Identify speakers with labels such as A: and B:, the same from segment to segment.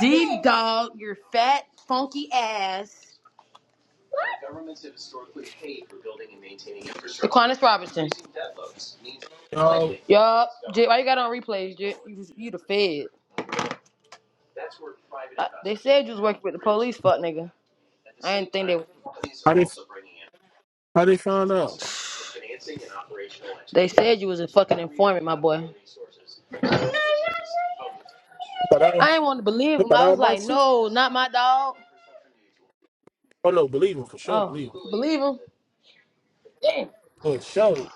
A: Deep dog, your fat, funky ass. government's have historically paid for building and maintaining. infrastructure. Aquinas Robinson.
B: Oh,
A: Yup. Jay, Why you got on replays, Jay? You, was- you the fed. Uh, they said you was working with the police, fuck nigga. I didn't think they were. Companies
B: how
A: are
B: they
A: also bringing in
B: how they
A: infrastructure
B: found
A: from
B: out?
A: us, financing and operational. They said you was a fucking informant, my boy.
B: But all,
A: I ain't want to believe him.
B: but
A: I
B: all
A: was
B: my
A: like,
B: shit.
A: no, not my dog.
B: Oh no, believe him for sure.
A: Oh,
B: Believe him
A: believe him? Damn.
B: for sure.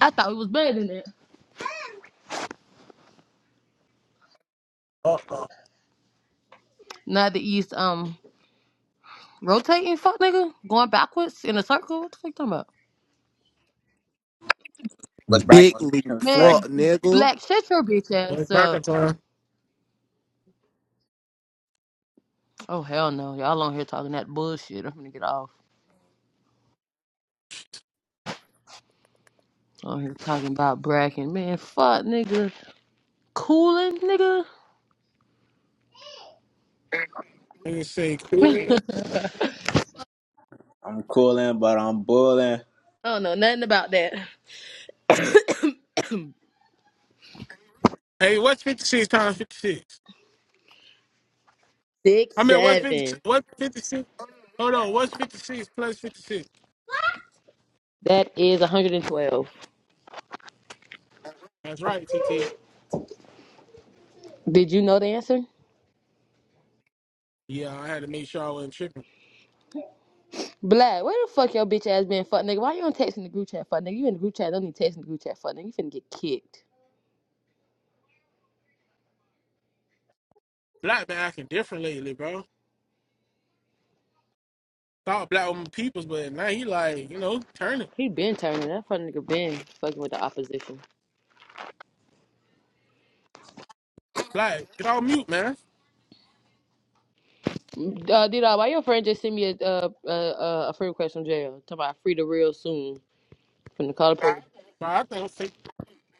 A: I thought he was better than that.
B: Uh uh.
A: Not the east. Um, rotating. Fuck nigga, going backwards in a circle. What the fuck you talking about?
C: What's bracket?
D: Big
C: What's,
D: league
C: what's
D: fuck
C: bracket?
A: Man,
D: nigga.
A: black shut your bitch ass
B: Back in
A: up.
B: time.
A: Oh hell no, y'all on here talking that bullshit. I'm gonna get off. On here talking about bracken. Man, fuck nigga, cooling nigga.
B: Let me see.
C: I'm cooling, but I'm bulling.
A: I don't know nothing about that.
B: Hey, what's fifty six times fifty six? I
A: Six
B: mean, what's fifty?
A: seven.
B: What's fifty six? Hold on. What's fifty six plus fifty six?
A: That is 112.
B: That's right, TT.
A: Did you know the answer?
B: Yeah, I had to make sure I wasn't tripping.
A: Black, where the fuck your bitch ass been, fuck nigga? Why you on texting the group chat, fuck nigga? You in the group chat, don't need texting the group chat, fuck nigga. You finna get kicked.
B: Black been acting different lately, bro. Thought black woman peoples, but now he like you know turning
A: He been turning. That fucking nigga been fucking with the opposition.
B: black. Get all mute, man.
A: Mm, Uh, D-Dawg, why your friend just sent me a uh, uh, uh, a friend request from jail? Talking about free the real soon from the call police.
B: But I think I'm fake.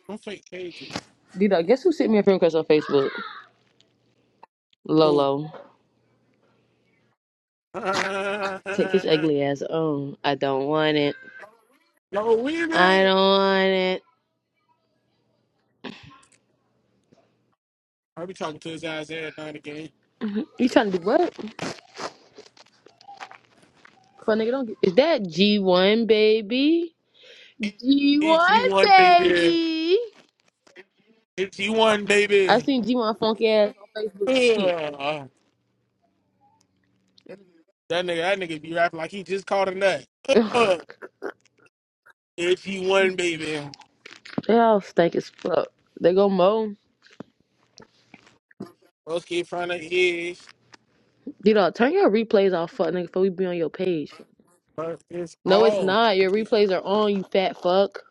B: I'm fake Cages
A: D-Dawg, guess who sent me a friend request on Facebook?
B: cool.
A: Lolo.
B: Yo,
A: Take his ugly ass on. I don't want it. I
B: Weezy.
A: don't want it.
B: I be talking to his ass every night again.
A: You trying to do what? Fuck nigga, don't. Get... Is that G1 baby?
B: It's
A: G1
B: you one, baby.
A: baby.
B: It's you one,
A: I
B: baby.
A: seen G1 funky ass on Facebook
B: Ugh.
A: sleep.
B: That nigga, that nigga be rapping like he just caught a nut.
A: Ugh,
B: Ugh. It's you one, baby.
A: they all stank as fuck. They go moan.
B: let keep trying to is,
A: You know, turn your replays off, fuck nigga, before we be on your page.
B: but it's
A: No, it's
B: all.
A: not.
B: I
A: Your
B: keep,
A: replays are on, you fat fuck.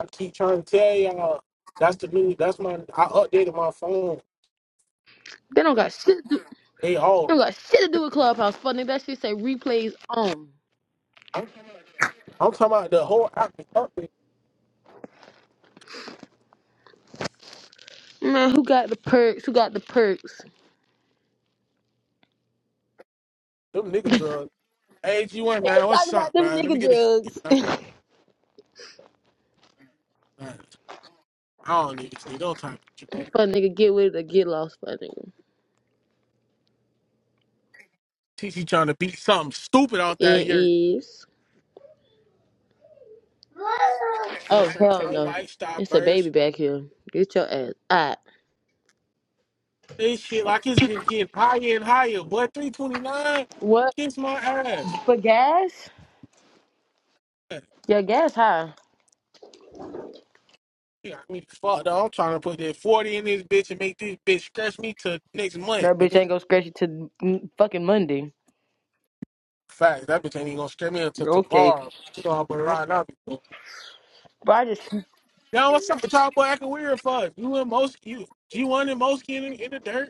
B: I keep trying to tell y'all. That's the new. That's my. I updated my phone.
A: They don't got shit. They
B: They all.
A: don't got shit to do with Clubhouse, fuck nigga. That shit say replays on.
B: I'm talking about the whole. I can update
A: Man, who got the perks? Who got the perks?
B: them nigga drugs. Hey, G1,
A: You
B: man, what's
A: talking about
B: up,
A: them
B: man? Let me
A: nigga
B: get
A: drugs.
B: a. Facts. I don't even say no time.
A: Fuck nigga, get with it or get lost, fuck nigga.
B: TC trying to beat something stupid out that year.
A: It is. Oh
B: Different
A: hell
B: kind of
A: no.
B: lifestyle
A: It's a baby
B: burst.
A: back here. Get your ass out.
B: This shit like it's just getting higher and higher. Boy, 329,
A: What
B: kiss my ass.
A: for gas?
B: Yeah,
A: Your gas high.
B: You got me fucked up. I'm trying to put that 40 in this bitch and make this bitch scratch me till next month,
A: That bitch
B: nigga.
A: ain't gonna scratch you to fucking Monday.
B: Facts. That bitch ain't even gonna scratch me until
A: Okay.
B: tomorrow. You know how boy riding out
A: Bro, I just
B: Yo, what's up? Talk boy acting weird fuck. You and most you G1 and Mosky in, in the dirt.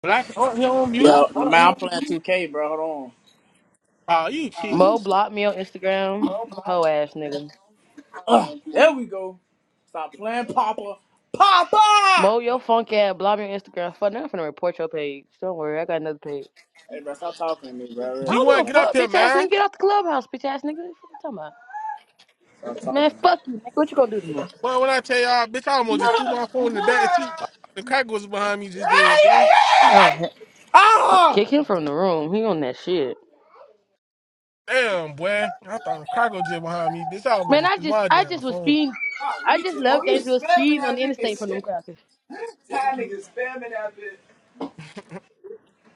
B: Black oh, he on mute.
E: Yeah, man, I'm playing 2K, bro. Hold on.
B: Oh, you cheat.
A: Mo blocked me on Instagram. Ho ass nigga.
E: Ugh, there we go. Stop playing, Papa. Papa!
A: Mo, your funk ass blocked me on Instagram. Fuck, now I'm finna report your page. Don't worry, I got another page.
E: Hey, bro, stop talking to me, bro.
A: I
E: Real
A: don't
E: shit.
B: G1,
A: give a
B: get
E: Stop
B: up
E: talking.
A: fuck,
B: here,
A: bitch ass
B: man.
A: nigga. Get out the clubhouse, bitch ass nigga. What you talking about?
E: Stop talking
A: Man,
E: to me.
A: fuck you, nigga. What you gonna do to me?
B: Well, when I tell y'all, bitch, I almost just threw my phone in the back seat. The crack was behind me just then, bro.
A: No, he- no,
E: Ah!
A: kick him from the room. He on that shit.
B: Damn, boy. I thought the crack was just behind me. Bitch, I almost
A: Man,
B: just
A: I
B: threw
A: just,
B: my
A: I
B: damn
A: just was
B: phone.
A: speeding.
E: Oh,
A: I
E: you
A: just
E: too. Boy,
A: left
E: you
A: Gainesville
E: spamming
A: speeding on
E: that
A: the interstate
E: bitch.
A: from them crackers.
E: That nigga spamming that bitch.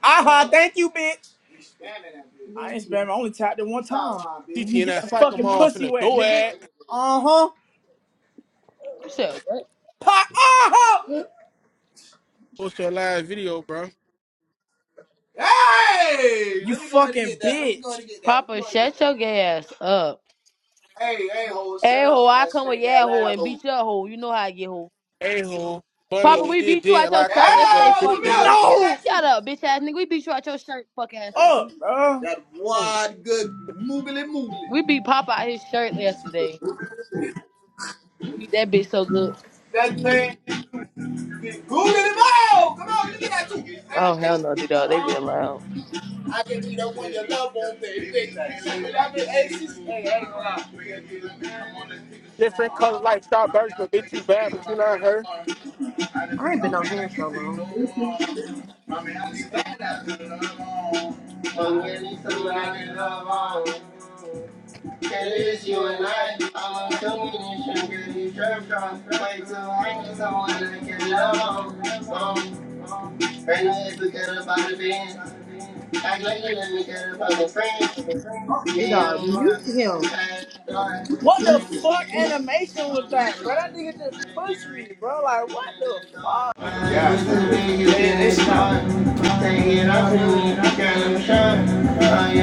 E: Ah, thank you, bitch. You spamming that bitch. I ain't spamming. I only tapped it one time. Stop lying, bitch.
B: TT
E: Mhm,
B: and
E: Get that
B: that
E: Spamming.
B: psycho
E: fucking that
B: off in
E: pussy bitch.
B: the
E: wet,
B: door
E: nigga.
B: at.
E: Uh huh.
A: You said what?
E: Pa- ah!
B: Post your live video, bro.
E: Hey! You Let me go ahead and fucking get that. Let me bitch. go ahead and get that. Let me go
A: Papa,
E: ahead and get
A: shut
E: that.
A: your gay ass up.
E: Hey, hey, ho,
A: Hey
E: shut
A: ho,
E: up.
A: I
E: That
A: come with
E: snake
A: yeah
E: ass
A: ho and
E: asshole.
A: beat your hoe. You know how I get hoe.
B: A-hole.
E: Hey,
B: Bummy,
A: Papa,
B: he
E: ho.
A: we
B: did,
A: beat you
B: did
A: out your
E: Snake
B: like
E: ass.
B: a
A: shirt
B: man, bro.
A: yesterday,
E: Ah,
A: fuck
B: Big
E: come here.
B: B's,
A: nigga.
B: bro.
E: No!
A: Shut up, bitch ass nigga. We beat you out your shirt, fuck ass
E: Up,
A: nigga.
E: bro. That
B: Oh,
E: wide, good, moobly moobly.
A: We beat Papa out his shirt yesterday. Beat that bitch so good.
E: That thing is good in the mouth. Come on, look at that you.
A: Oh
E: That
A: hell
E: thing.
A: no, D dog. They
E: Uh,
A: been loud.
E: I can be the one you love on thing. Fix that. shit. I can, hey, she's, hey, hey, hold
B: different color lifestyle
E: on.
B: version, but bitch, you bad, but you not her.
E: Uh-huh. I just
A: I
E: took
A: ain't
E: my
A: been
E: pain,
A: on here
E: I
A: so
E: can't take no
A: long.
E: more. My man, I need somebody I can love on. But we need somebody I can love on. it's you and I. I'm a domination, get you trapped on. Way too high, need someone I can love on. Um, right now, it's forget about the band. Act like you let me get about the friends.
A: D
E: Yeah,
A: Dog, mute him.
E: What the fuck animation was that, bro? That nigga just pushed me, bro. Like, what the fuck? much to me, you get it Take it off and you got them shot. I am